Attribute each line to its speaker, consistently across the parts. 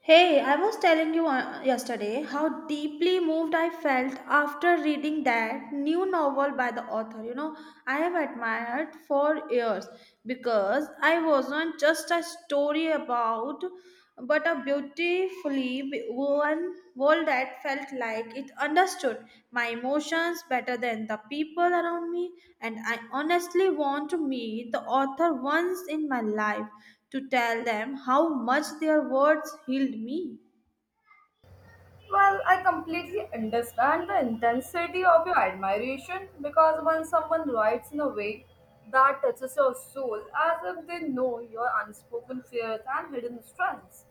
Speaker 1: Hey, I was telling you yesterday how deeply moved I felt after reading that new novel by the author. You know, I have admired for years because I wasn't just a story about, but a beautifully woven world that felt like it understood my emotions better than the people around me. And I honestly want to meet the author once in my life to tell them how much their words healed me.
Speaker 2: Well, I completely understand the intensity of your admiration because when someone writes in a way that touches your soul, as if they know your unspoken fears and hidden strengths,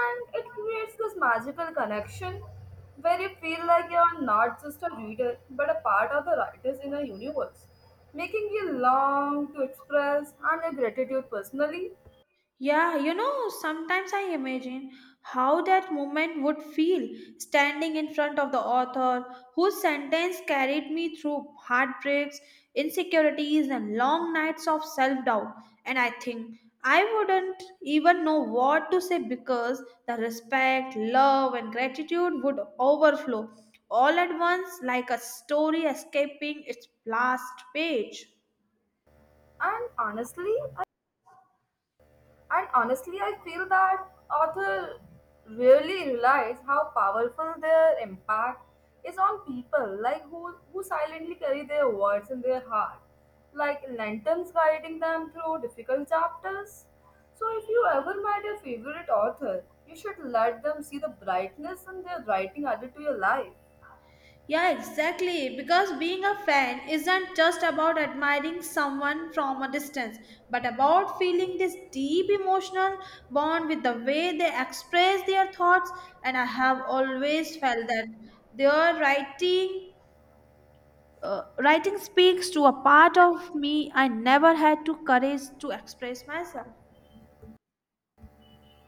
Speaker 2: and it creates this magical connection where you feel like you are not just a reader but a part of the writers in a universe, making you long to express and your gratitude personally.
Speaker 1: Yeah, you know, sometimes I imagine how that moment would feel standing in front of the author whose sentence carried me through heartbreaks, insecurities, and long nights of self doubt. And I think I wouldn't even know what to say because the respect, love, and gratitude would overflow all at once like a story escaping its last page.
Speaker 2: And honestly, And honestly, I feel that author really realize how powerful their impact is on people, like who silently carry their words in their heart, like lanterns guiding them through difficult chapters. So if you ever met your favorite author, you should let them see the brightness in their writing added to your life.
Speaker 1: Yeah, exactly. Because being a fan isn't just about admiring someone from a distance, but about feeling this deep emotional bond with the way they express their thoughts. And I have always felt that their writing. Writing speaks to a part of me I never had to courage to express myself.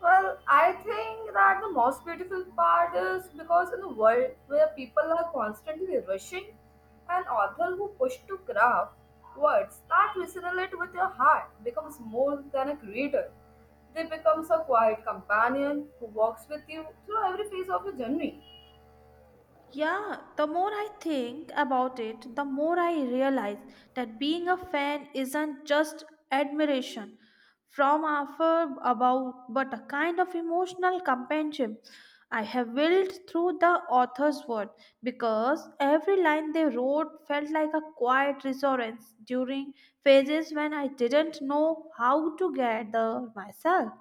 Speaker 2: Well, I think that the most beautiful part is because in a world where people are constantly rushing, an author who pushes to craft words that resonate with your heart becomes more than a creator. They becomes a quiet companion who walks with you through every phase of your journey.
Speaker 1: Yeah, the more I think about it, the more I realize that being a fan isn't just admiration from afar about but a kind of emotional companionship I have built through the author's word, because every line they wrote felt like a quiet reassurance during phases when I didn't know how to gather myself.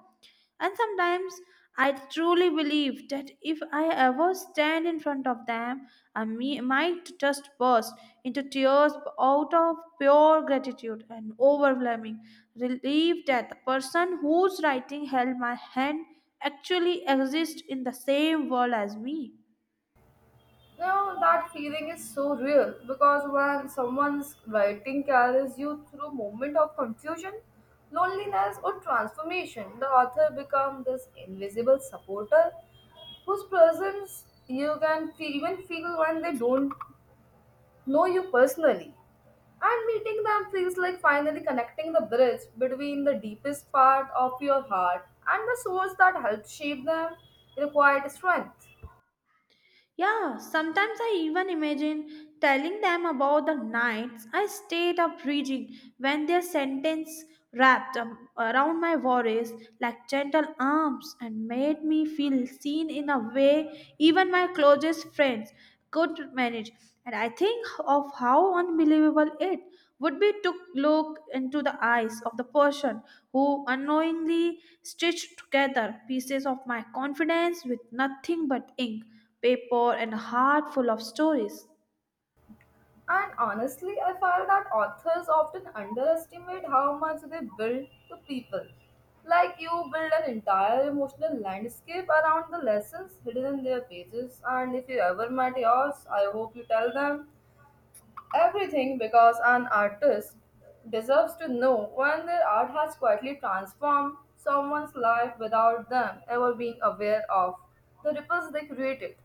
Speaker 1: And sometimes I truly believe that if I ever stand in front of them, might just burst into tears out of pure gratitude and overwhelming relief that the person whose writing held my hand actually exists in the same world as me.
Speaker 2: You know, that feeling is so real because when someone's writing carries you through moment of confusion, loneliness or transformation, the author becomes this invisible supporter whose presence you can even feel when they don't know you personally. And meeting them feels like finally connecting the bridge between the deepest part of your heart and the source that helped shape them required strength.
Speaker 1: Yeah, sometimes I even imagine telling them about the nights I stayed up reading when their sentence wrapped, around my worries like gentle arms and made me feel seen in a way even my closest friends could manage. And I think of how unbelievable it would be to look into the eyes of the person who unknowingly stitched together pieces of my confidence with nothing but ink, paper, and heart full of stories.
Speaker 2: And honestly, I felt that authors often underestimate how much they build to people. Like you build an entire emotional landscape around the lessons hidden in their pages, and if you ever met yours, I hope you tell them everything because an artist deserves to know when their art has quietly transformed someone's life without them ever being aware of the ripples they created.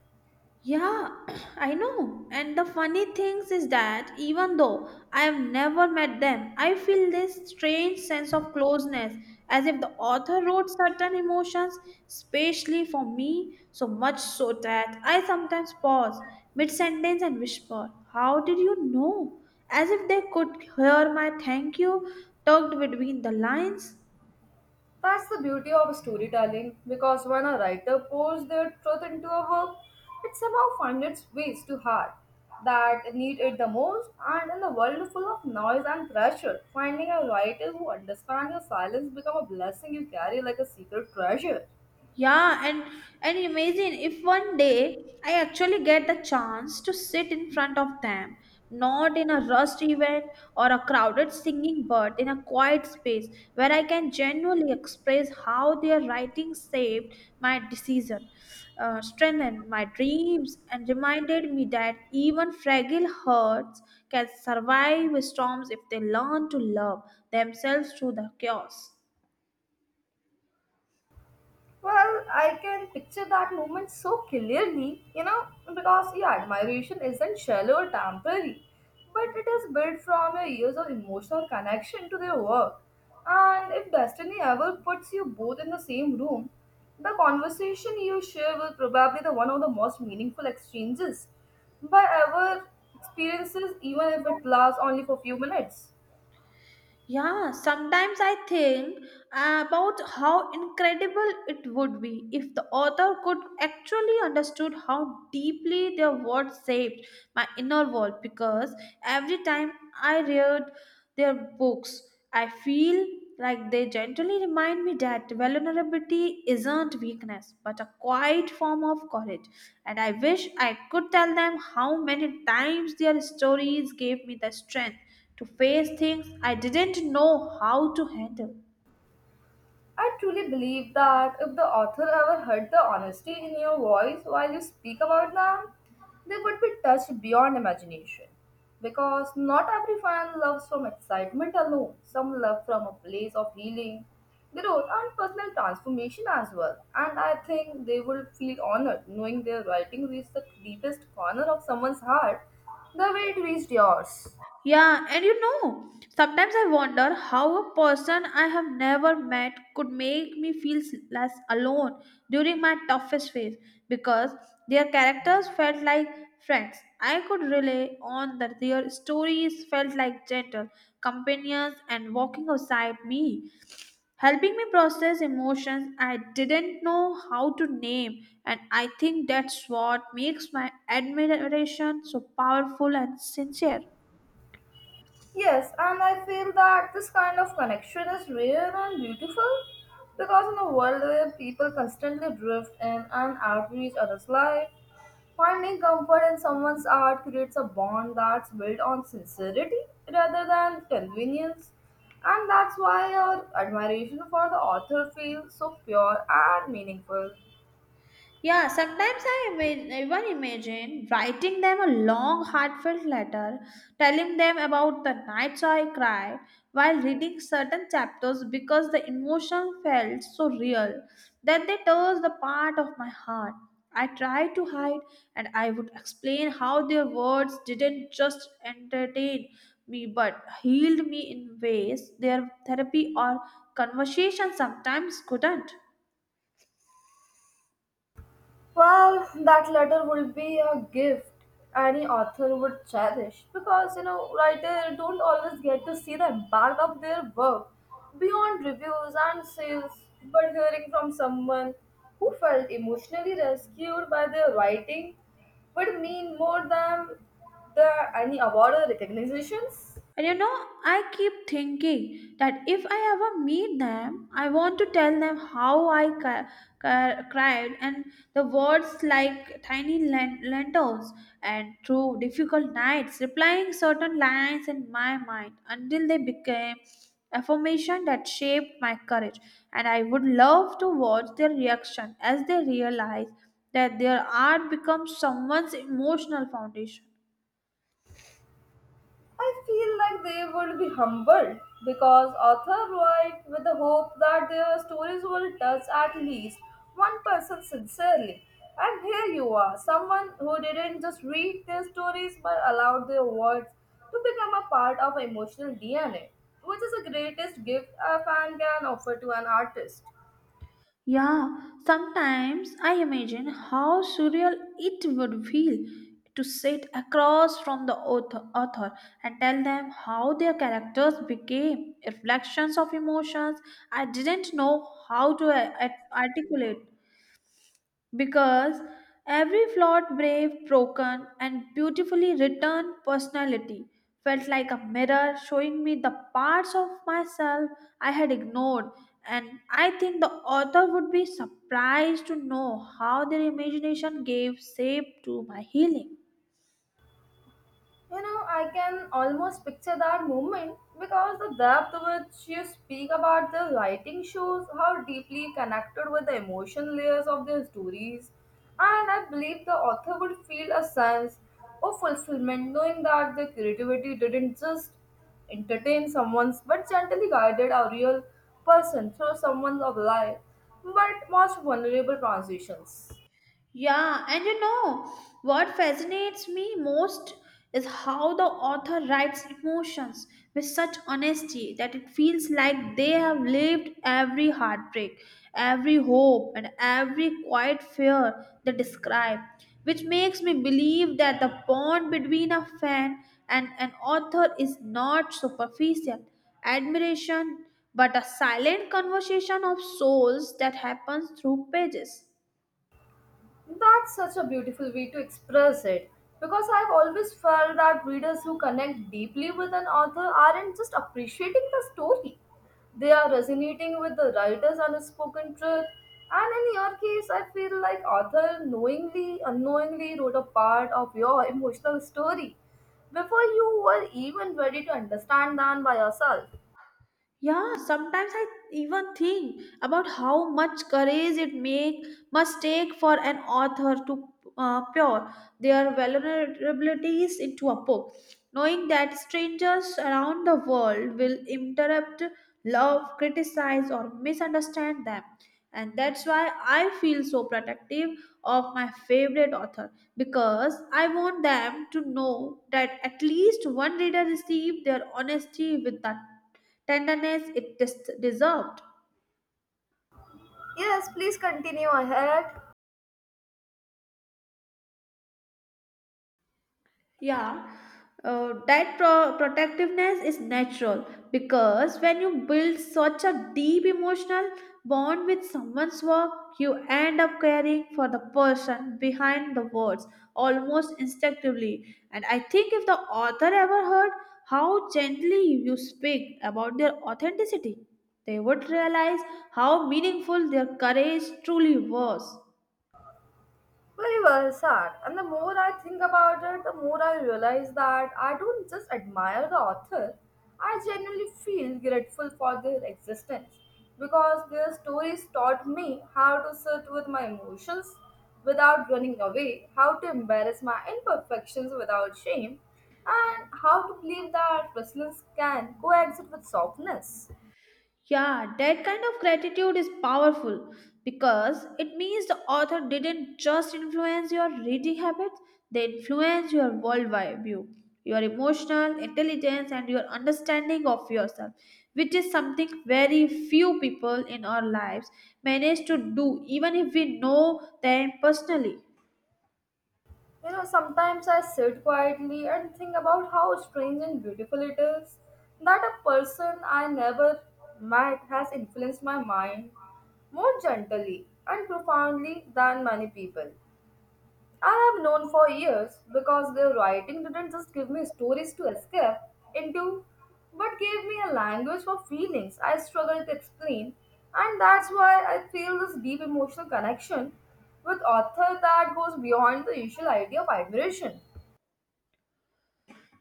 Speaker 1: Yeah, I know. And the funny things is that even though I have never met them, I feel this strange sense of closeness, as if the author wrote certain emotions specially for me, so much so that I sometimes pause mid sentence and whisper, "How did you know?" As if they could hear my thank you tucked between the lines.
Speaker 2: That's the beauty of storytelling because when a writer pours their truth into a work, it somehow finds its ways to heart that need it the most. And in a world full of noise and pressure, finding a writer who understands your silence becomes a blessing you carry like a secret treasure.
Speaker 1: Yeah, and imagine if one day I actually get the chance to sit in front of them, not in a rushed event or a crowded singing, but in a quiet space where I can genuinely express how their writing saved my decision, strengthened my dreams, and reminded me that even fragile hearts can survive storms if they learn to love themselves through the chaos.
Speaker 2: Well, I can picture that moment so clearly, you know, because yeah, admiration isn't shallow or temporary, but it is built from your years of emotional connection to their work. And if destiny ever puts you both in the same room, the conversation you share will probably the one of the most meaningful exchanges by ever experiences, even if it lasts only for few minutes.
Speaker 1: Yeah, sometimes I think about how incredible it would be if the author could actually understood how deeply their words shaped my inner world, because every time I read their books, I feel like they gently remind me that vulnerability isn't weakness but a quiet form of courage, and I wish I could tell them how many times their stories gave me the strength to face things I didn't know how to handle.
Speaker 2: I truly believe that if the author ever heard the honesty in your voice while you speak about them, they would be touched beyond imagination. Because not every fan loves from excitement alone, some love from a place of healing, growth, and personal transformation as well. And I think they will feel honored knowing their writing reached the deepest corner of someone's heart the way it reached yours.
Speaker 1: Yeah, and you know, sometimes I wonder how a person I have never met could make me feel less alone during my toughest phase, because their characters felt like friends I could rely on, that their stories felt like gentle companions and walking beside me, helping me process emotions I didn't know how to name. And I think that's what makes my admiration so powerful and sincere.
Speaker 2: Yes, and I feel that this kind of connection is rare and beautiful because in a world where people constantly drift in and out of each other's life, finding comfort in someone's art creates a bond that's built on sincerity rather than convenience. And that's why our admiration for the author feels so pure and meaningful.
Speaker 1: Yeah, sometimes I even imagine writing them a long, heartfelt letter, telling them about the nights I cried while reading certain chapters, because the emotion felt so real that they touched the part of my heart I tried to hide, and I would explain how their words didn't just entertain me but healed me in ways their therapy or conversation sometimes couldn't.
Speaker 2: Well, that letter would be a gift any author would cherish because you know writers don't always get to see the impact of their work beyond reviews and sales, but hearing from someone who felt emotionally rescued by their writing would mean more than the any award or recognitions.
Speaker 1: And you know, I keep thinking that if I ever meet them, I want to tell them how cried, and the words like tiny lentils and through difficult nights, replying certain lines in my mind until they became affirmation that shaped my courage. And I would love to watch their reaction as they realize that their art becomes someone's emotional foundation.
Speaker 2: I feel like they would be humbled because authors write with the hope that their stories will touch at least one person sincerely. And here you are, someone who didn't just read their stories but allowed their words to become a part of emotional DNA, which is the greatest gift a fan can offer to an artist.
Speaker 1: Yeah, sometimes I imagine how surreal it would feel to sit across from the author and tell them how their characters became reflections of emotions I didn't know how to articulate, because every flawed, brave, broken, and beautifully written personality felt like a mirror showing me the parts of myself I had ignored. And I think the author would be surprised to know how their imagination gave shape to my healing.
Speaker 2: You know, I can almost picture that moment because the depth which you speak about the writing shows how deeply connected with the emotion layers of their stories. And I believe the author would feel a sense of fulfillment knowing that their creativity didn't just entertain someone's but gently guided a real person through someone's of life but most vulnerable transitions.
Speaker 1: Yeah, and you know what fascinates me most is how the author writes emotions with such honesty that it feels like they have lived every heartbreak, every hope, and every quiet fear they describe, which makes me believe that the bond between a fan and an author is not superficial admiration but a silent conversation of souls that happens through pages.
Speaker 2: That's such a beautiful way to express it because I've always felt that readers who connect deeply with an author aren't just appreciating the story, they are resonating with the writer's unspoken truth. And in your case, I feel like author knowingly, unknowingly wrote a part of your emotional story before you were even ready to understand them by yourself.
Speaker 1: Yeah, sometimes I even think about how much courage it make must take for an author to pour their vulnerabilities into a book, knowing that strangers around the world will interrupt, love, criticize, or misunderstand them. And that's why I feel so protective of my favorite author, because I want them to know that at least one reader received their honesty with that tenderness, it dissolved.
Speaker 2: Yes, please continue ahead.
Speaker 1: Yeah. That protectiveness is natural, because when you build such a deep emotional bond with someone's work, you end up caring for the person behind the words almost instinctively. And I think if the author ever heard how gently you speak about their authenticity, they would realize how meaningful their courage truly was.
Speaker 2: Very well said. And the more I think about it, the more I realize that I don't just admire the author, I genuinely feel grateful for their existence because their stories taught me how to sit with my emotions without running away, how to embarrass my imperfections without shame, and how to believe that resilience can coexist with softness.
Speaker 1: Yeah, that kind of gratitude is powerful, because it means the author didn't just influence your reading habits, they influence your worldwide view, your emotional intelligence, and your understanding of yourself, which is something very few people in our lives manage to do, even if we know them personally.
Speaker 2: You know, sometimes I sit quietly and think about how strange and beautiful it is that a person I never met has influenced my mind more gently and profoundly than many people. I have known for years because their writing didn't just give me stories to escape into, but gave me a language for feelings I struggle to explain, and that's why I feel this deep emotional connection with author that goes beyond the usual idea of admiration.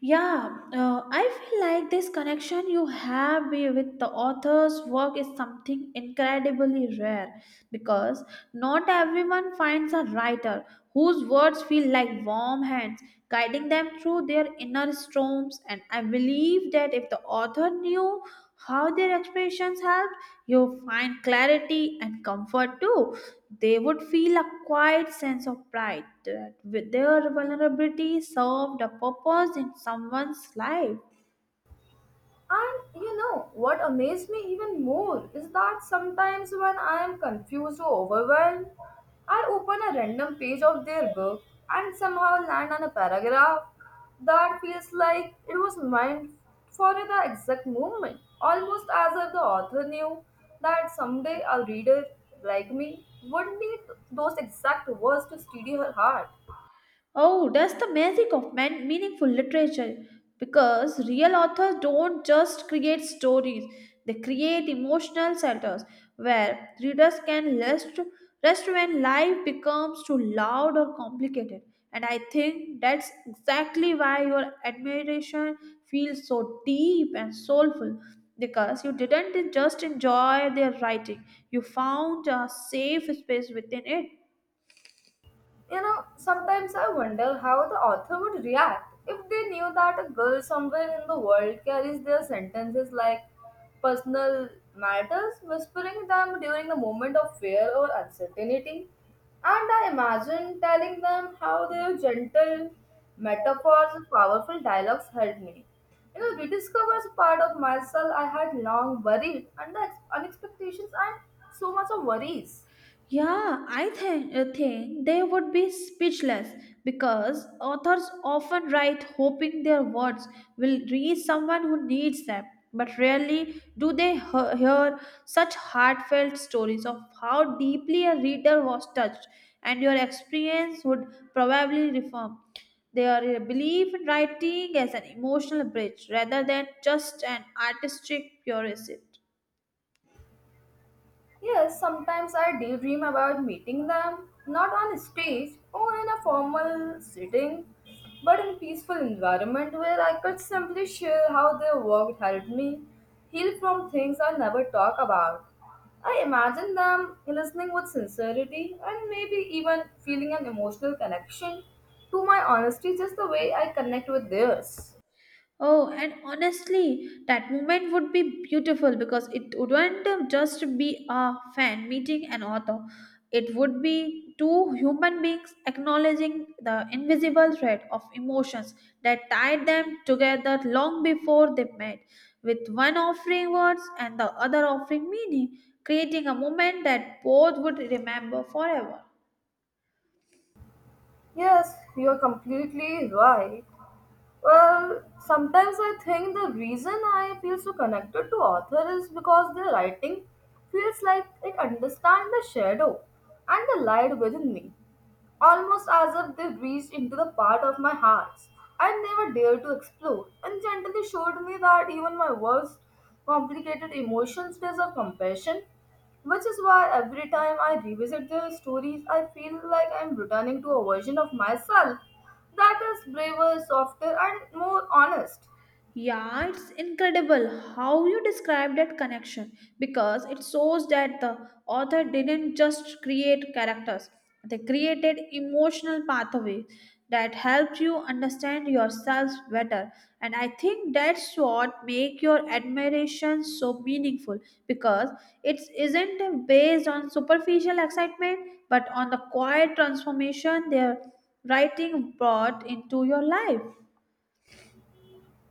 Speaker 1: Yeah, I feel like this connection you have with the author's work is something incredibly rare, because not everyone finds a writer whose words feel like warm hands guiding them through their inner storms. And I believe that if the author knew how their expressions helped you find clarity and comfort too, they would feel a quiet sense of pride that with their vulnerability served a purpose in someone's life.
Speaker 2: And you know what amazed me even more is that sometimes when I am confused or overwhelmed, I open a random page of their book and somehow land on a paragraph that feels like it was meant for the exact moment, almost as if the author knew that someday a reader like me would need those exact words to steady her heart.
Speaker 1: Oh, that's the magic of meaningful literature, because real authors don't just create stories, they create emotional centers where readers can rest, rest when life becomes too loud or complicated. And I think that's exactly why your admiration feels so deep and soulful, because you didn't just enjoy their writing, you found a safe space within it.
Speaker 2: You know, sometimes I wonder how the author would react if they knew that a girl somewhere in the world carries their sentences like personal matters, whispering them during a moment of fear or uncertainty. And I imagine telling them how their gentle metaphors and powerful dialogues helped me. You know, rediscovers a part of myself I had long buried under unexpectations and so much of worries.
Speaker 1: Yeah, think they would be speechless, because authors often write hoping their words will reach someone who needs them. But rarely do they hear such heartfelt stories of how deeply a reader was touched, and your experience would probably reform their belief in writing as an emotional bridge rather than just an artistic purist.
Speaker 2: Yes, sometimes I daydream about meeting them, not on stage or in a formal setting, but in peaceful environment where I could simply share how their work helped me heal from things I never talk about. I imagine them listening with sincerity and maybe even feeling an emotional connection to my honesty just the way I connect with theirs.
Speaker 1: Oh, and honestly, that moment would be beautiful, because it wouldn't just be a fan meeting an author. It would be two human beings acknowledging the invisible thread of emotions that tied them together long before they met, with one offering words and the other offering meaning, creating a moment that both would remember forever.
Speaker 2: Yes, you are completely right. Well, sometimes I think the reason I feel so connected to author is because their writing feels like it understands the shadow and the light within me almost as if they reached into the part of my heart I never dared to explore, and gently showed me that even my worst complicated emotions deserve compassion, which is why every time I revisit their stories, I feel like I'm returning to a version of myself that is braver, softer, and more honest.
Speaker 1: Yeah, it's incredible how you describe that connection, because it shows that the author didn't just create characters, they created emotional pathways that helped you understand yourself better. And I think that's what make your admiration so meaningful, because it isn't based on superficial excitement but on the quiet transformation their writing brought into your life.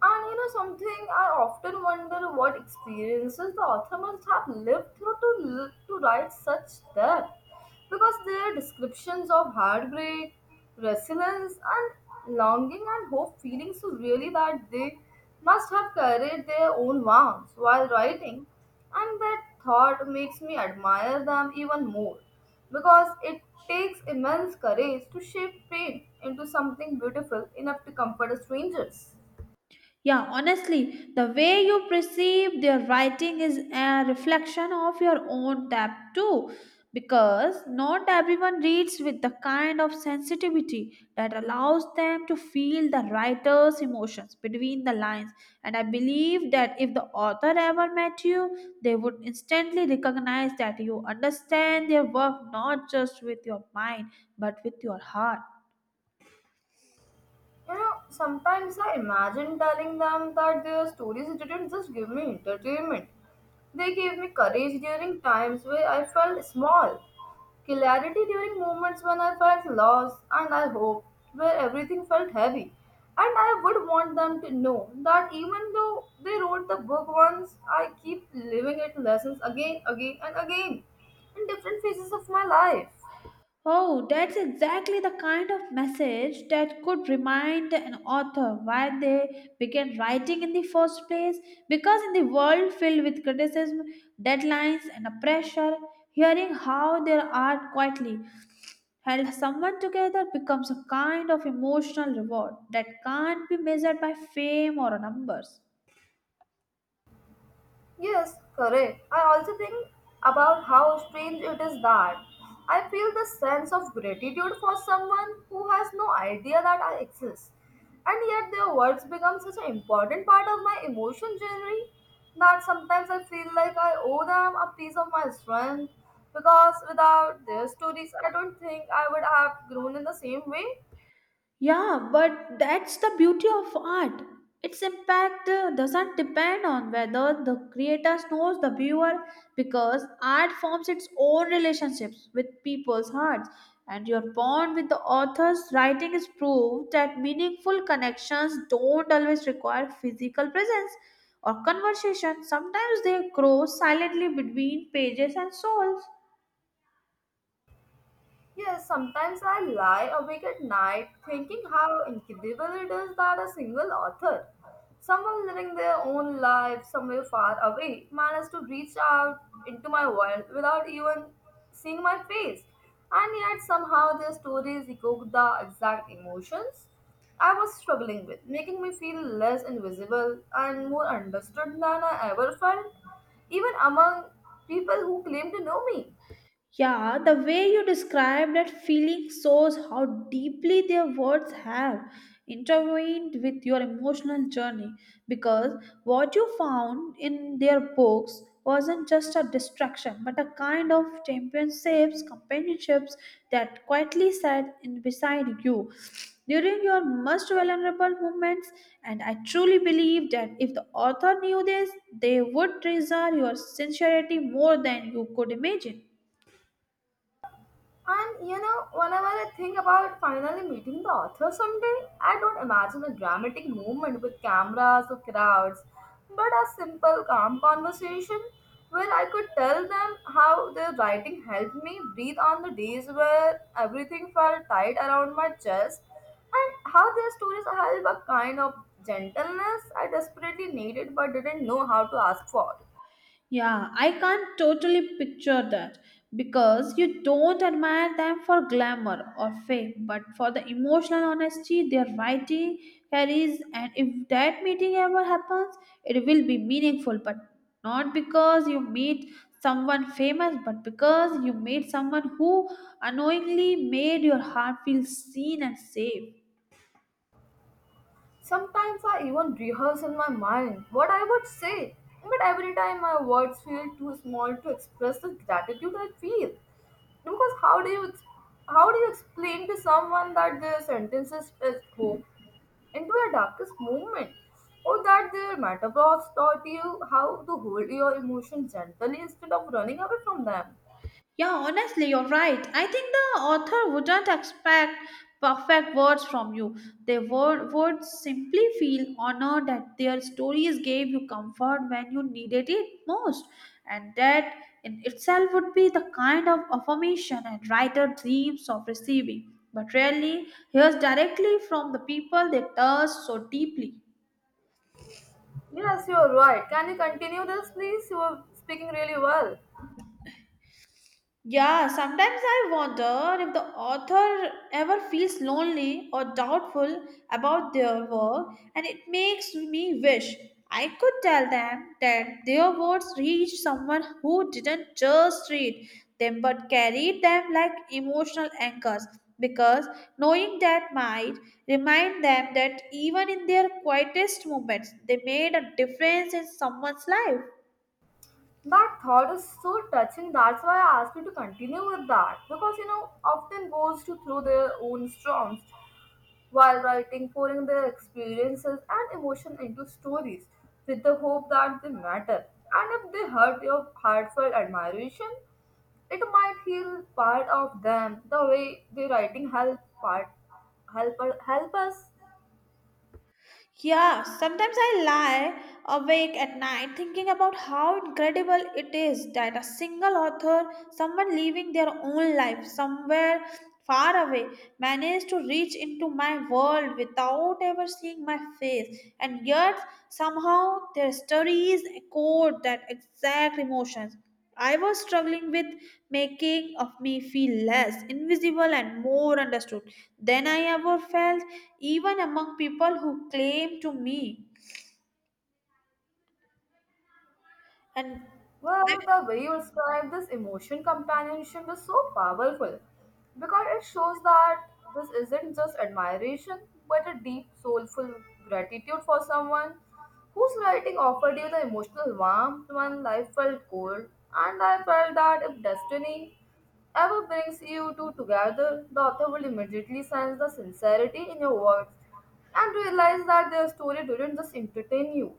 Speaker 2: And you know something, I often wonder what experiences the author must have lived through to write such depth, because their descriptions of heartbreak, resilience, and longing and hope feelings so really that they must have carried their own wounds while writing, and that thought makes me admire them even more, because it takes immense courage to shape pain into something beautiful enough to comfort strangers.
Speaker 1: Yeah, honestly, the way you perceive their writing is a reflection of your own depth too, because not everyone reads with the kind of sensitivity that allows them to feel the writer's emotions between the lines. And I believe that if the author ever met you, they would instantly recognize that you understand their work not just with your mind but with your heart.
Speaker 2: You know, sometimes I imagine telling them that their stories didn't just give me entertainment, they gave me courage during times where I felt small, clarity during moments when I felt lost, and I hope where everything felt heavy. And I would want them to know that even though they wrote the book once, I keep living it lessons again, again, and again in different phases of my life.
Speaker 1: Oh, that's exactly the kind of message that could remind an author why they began writing in the first place. Because in the world filled with criticism, deadlines, and pressure, hearing how their art quietly held someone together becomes a kind of emotional reward that can't be measured by fame or numbers.
Speaker 2: Yes, correct. I also think about how strange it is that I feel the sense of gratitude for someone who has no idea that I exist. And yet their words become such an important part of my emotion journey that sometimes I feel like I owe them a piece of my strength because without their stories I don't think I would have grown in the same way.
Speaker 1: Yeah, but that's the beauty of art. Its impact doesn't depend on whether the creator knows the viewer, because art forms its own relationships with people's hearts, and your bond with the author's writing is proof that meaningful connections don't always require physical presence or conversation. Sometimes they grow silently between pages and souls.
Speaker 2: Yes, sometimes I lie awake at night thinking how incredible it is that a single author, someone living their own life somewhere far away, managed to reach out into my world without even seeing my face. And yet somehow their stories echo the exact emotions I was struggling with, making me feel less invisible and more understood than I ever felt, even among people who claim to know me.
Speaker 1: Yeah, the way you describe that feeling shows how deeply their words have intervened with your emotional journey, because what you found in their books wasn't just a distraction but a kind of companionships that quietly sat in beside you during your most vulnerable moments. And I truly believe that if the author knew this, they would treasure your sincerity more than you could imagine.
Speaker 2: And whenever I think about finally meeting the author someday, I don't imagine a dramatic moment with cameras or crowds, but a simple, calm conversation where I could tell them how their writing helped me breathe on the days where everything felt tight around my chest, and how their stories held a kind of gentleness I desperately needed but didn't know how to ask for.
Speaker 1: Yeah, I can't totally picture that, because you don't admire them for glamour or fame, but for the emotional honesty their writing carries. And if that meeting ever happens, it will be meaningful, but not because you meet someone famous, but because you meet someone who unknowingly made your heart feel seen and safe.
Speaker 2: Sometimes I even rehearse in my mind what I would say, but every time my words feel too small to express the gratitude I feel. Because how do you explain to someone that their sentences is hope into your darkest moment, or that their metaphors taught you how to hold your emotions gently instead of running away from them?
Speaker 1: Yeah, honestly, you're right. I think the author wouldn't expect perfect words from you. They would simply feel honored that their stories gave you comfort when you needed it most. And that in itself would be the kind of affirmation a writer dreams of receiving, but rarely hears directly from the people they touch so deeply.
Speaker 2: Yes, you are right. Can you continue this, please? You are speaking really well.
Speaker 1: Yeah, sometimes I wonder if the author ever feels lonely or doubtful about their work, and it makes me wish I could tell them that their words reached someone who didn't just read them but carried them like emotional anchors. Because knowing that might remind them that even in their quietest moments, they made a difference in someone's life.
Speaker 2: That thought is so touching. That's why I asked you to continue with that. Because, often goes to through their own storms while writing, pouring their experiences and emotion into stories with the hope that they matter. And if they hurt your heartfelt admiration, it might heal part of them the way the writing help part help help us
Speaker 1: Yeah, sometimes I lie awake at night thinking about how incredible it is that a single author, someone living their own life somewhere far away, managed to reach into my world without ever seeing my face, and yet somehow their stories echoed that exact emotions. I was struggling with, making of me feel less invisible and more understood than I ever felt, even among people who claim to me. And
Speaker 2: Well, the way you describe this emotion companionship is so powerful, because it shows that this isn't just admiration but a deep, soulful gratitude for someone whose writing offered you the emotional warmth when life felt cold. And I felt that if destiny ever brings you two together, the author will immediately sense the sincerity in your words and realize that their story didn't just entertain you,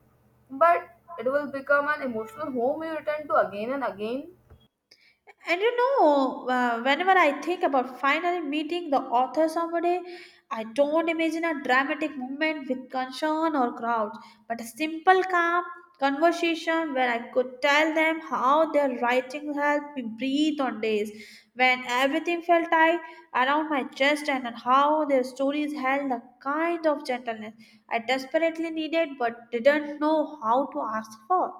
Speaker 2: but it will become an emotional home you return to again and again.
Speaker 1: And you know, whenever I think about finally meeting the author someday, I don't imagine a dramatic moment with concern or crowds, but a simple, calm conversation where I could tell them how their writing helped me breathe on days when everything felt tight around my chest, and on how their stories held a kind of gentleness I desperately needed but didn't know how to ask for.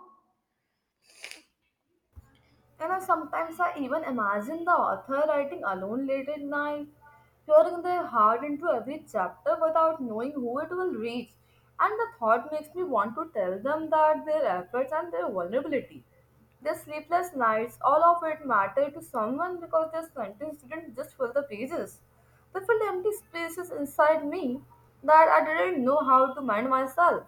Speaker 2: And I sometimes I even imagine the author writing alone late at night, pouring their heart into every chapter without knowing who it will reach. And the thought makes me want to tell them that their efforts and their vulnerability, their sleepless nights, all of it matter to someone, because their sentence didn't just fill the pages. They filled empty spaces inside me that I didn't know how to mind myself.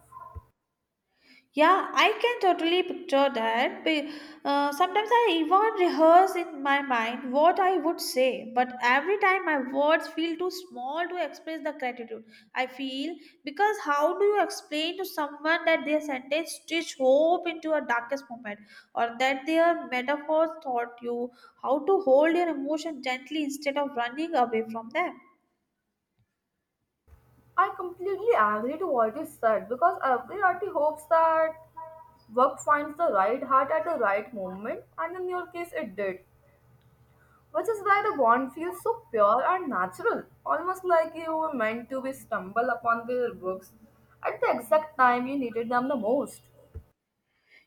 Speaker 1: Yeah, I can totally picture that. Sometimes I even rehearse in my mind what I would say, but every time my words feel too small to express the gratitude I feel. Because how do you explain to someone that their sentence stitch hope into a darkest moment, or that their metaphors taught you how to hold your emotion gently instead of running away from them?
Speaker 2: I completely agree to what you said, because every artist hopes that work finds the right heart at the right moment, and in your case, it did, which is why the bond feels so pure and natural, almost like you were meant to be stumble upon their books at the exact time you needed them the most.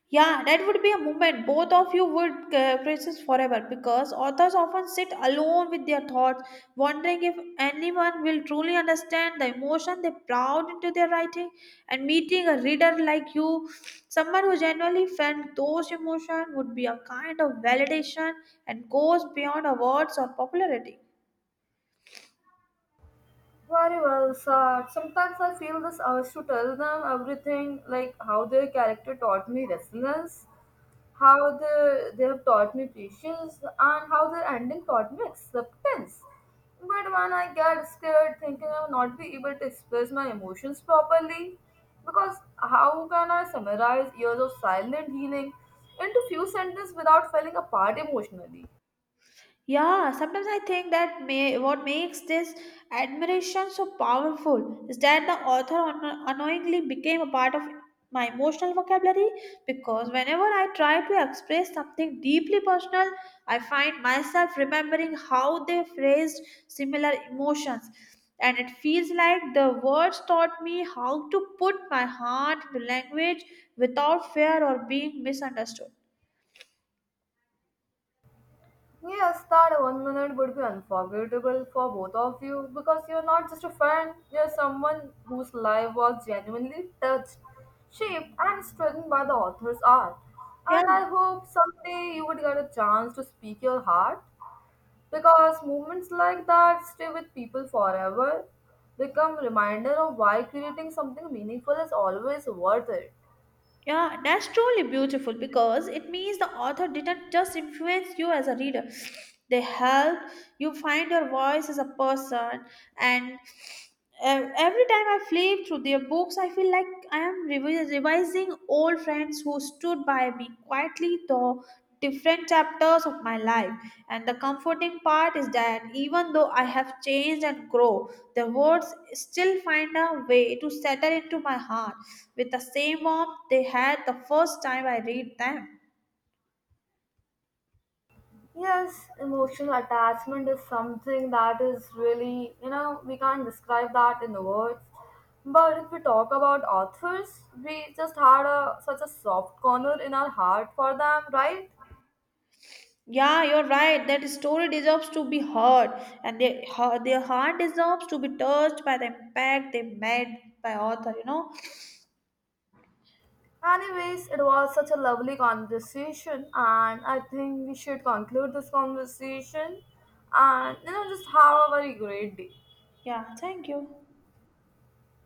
Speaker 1: Yeah, that would be a moment. Both of you would persist forever, because authors often sit alone with their thoughts, wondering if anyone will truly understand the emotion they poured into their writing. And meeting a reader like you, someone who genuinely felt those emotions, would be a kind of validation and goes beyond awards or popularity.
Speaker 2: Very well said. Sometimes I feel this urge to tell them everything, like how their character taught me resilience, how they have taught me patience, and how their ending taught me acceptance. But when I get scared, thinking I will not be able to express my emotions properly, because how can I summarize years of silent healing into few sentences without falling apart emotionally?
Speaker 1: Yeah, sometimes I think that may what makes this admiration so powerful is that the author unknowingly became a part of my emotional vocabulary, because whenever I try to express something deeply personal, I find myself remembering how they phrased similar emotions. And it feels like the words taught me how to put my heart into language without fear or being misunderstood.
Speaker 2: Yes, that one minute would be unforgettable for both of you, because you're not just a fan, you're someone whose life was genuinely touched, shaped, and strengthened by the author's art.
Speaker 1: Yeah,
Speaker 2: And I hope someday you would get a chance to speak your heart, because moments like that stay with people forever, become reminder of why creating something meaningful is always worth it.
Speaker 1: Yeah, that's truly beautiful, because it means the author didn't just influence you as a reader. They helped you find your voice as a person. And every time I flip through their books, I feel like I am revising old friends who stood by me quietly through different chapters of my life. And the comforting part is that even though I have changed and grow, the words still find a way to settle into my heart with the same warmth they had the first time I read them.
Speaker 2: Yes, emotional attachment is something that is really, we can't describe that in the words. But if we talk about authors, we just had a such a soft corner in our heart for them, right?
Speaker 1: Yeah, you're right. That story deserves to be heard, and their heart deserves to be touched by the impact they made by author. You know.
Speaker 2: Anyways, it was such a lovely conversation, and I think we should conclude this conversation and, just have a very great day.
Speaker 1: Yeah. Thank you.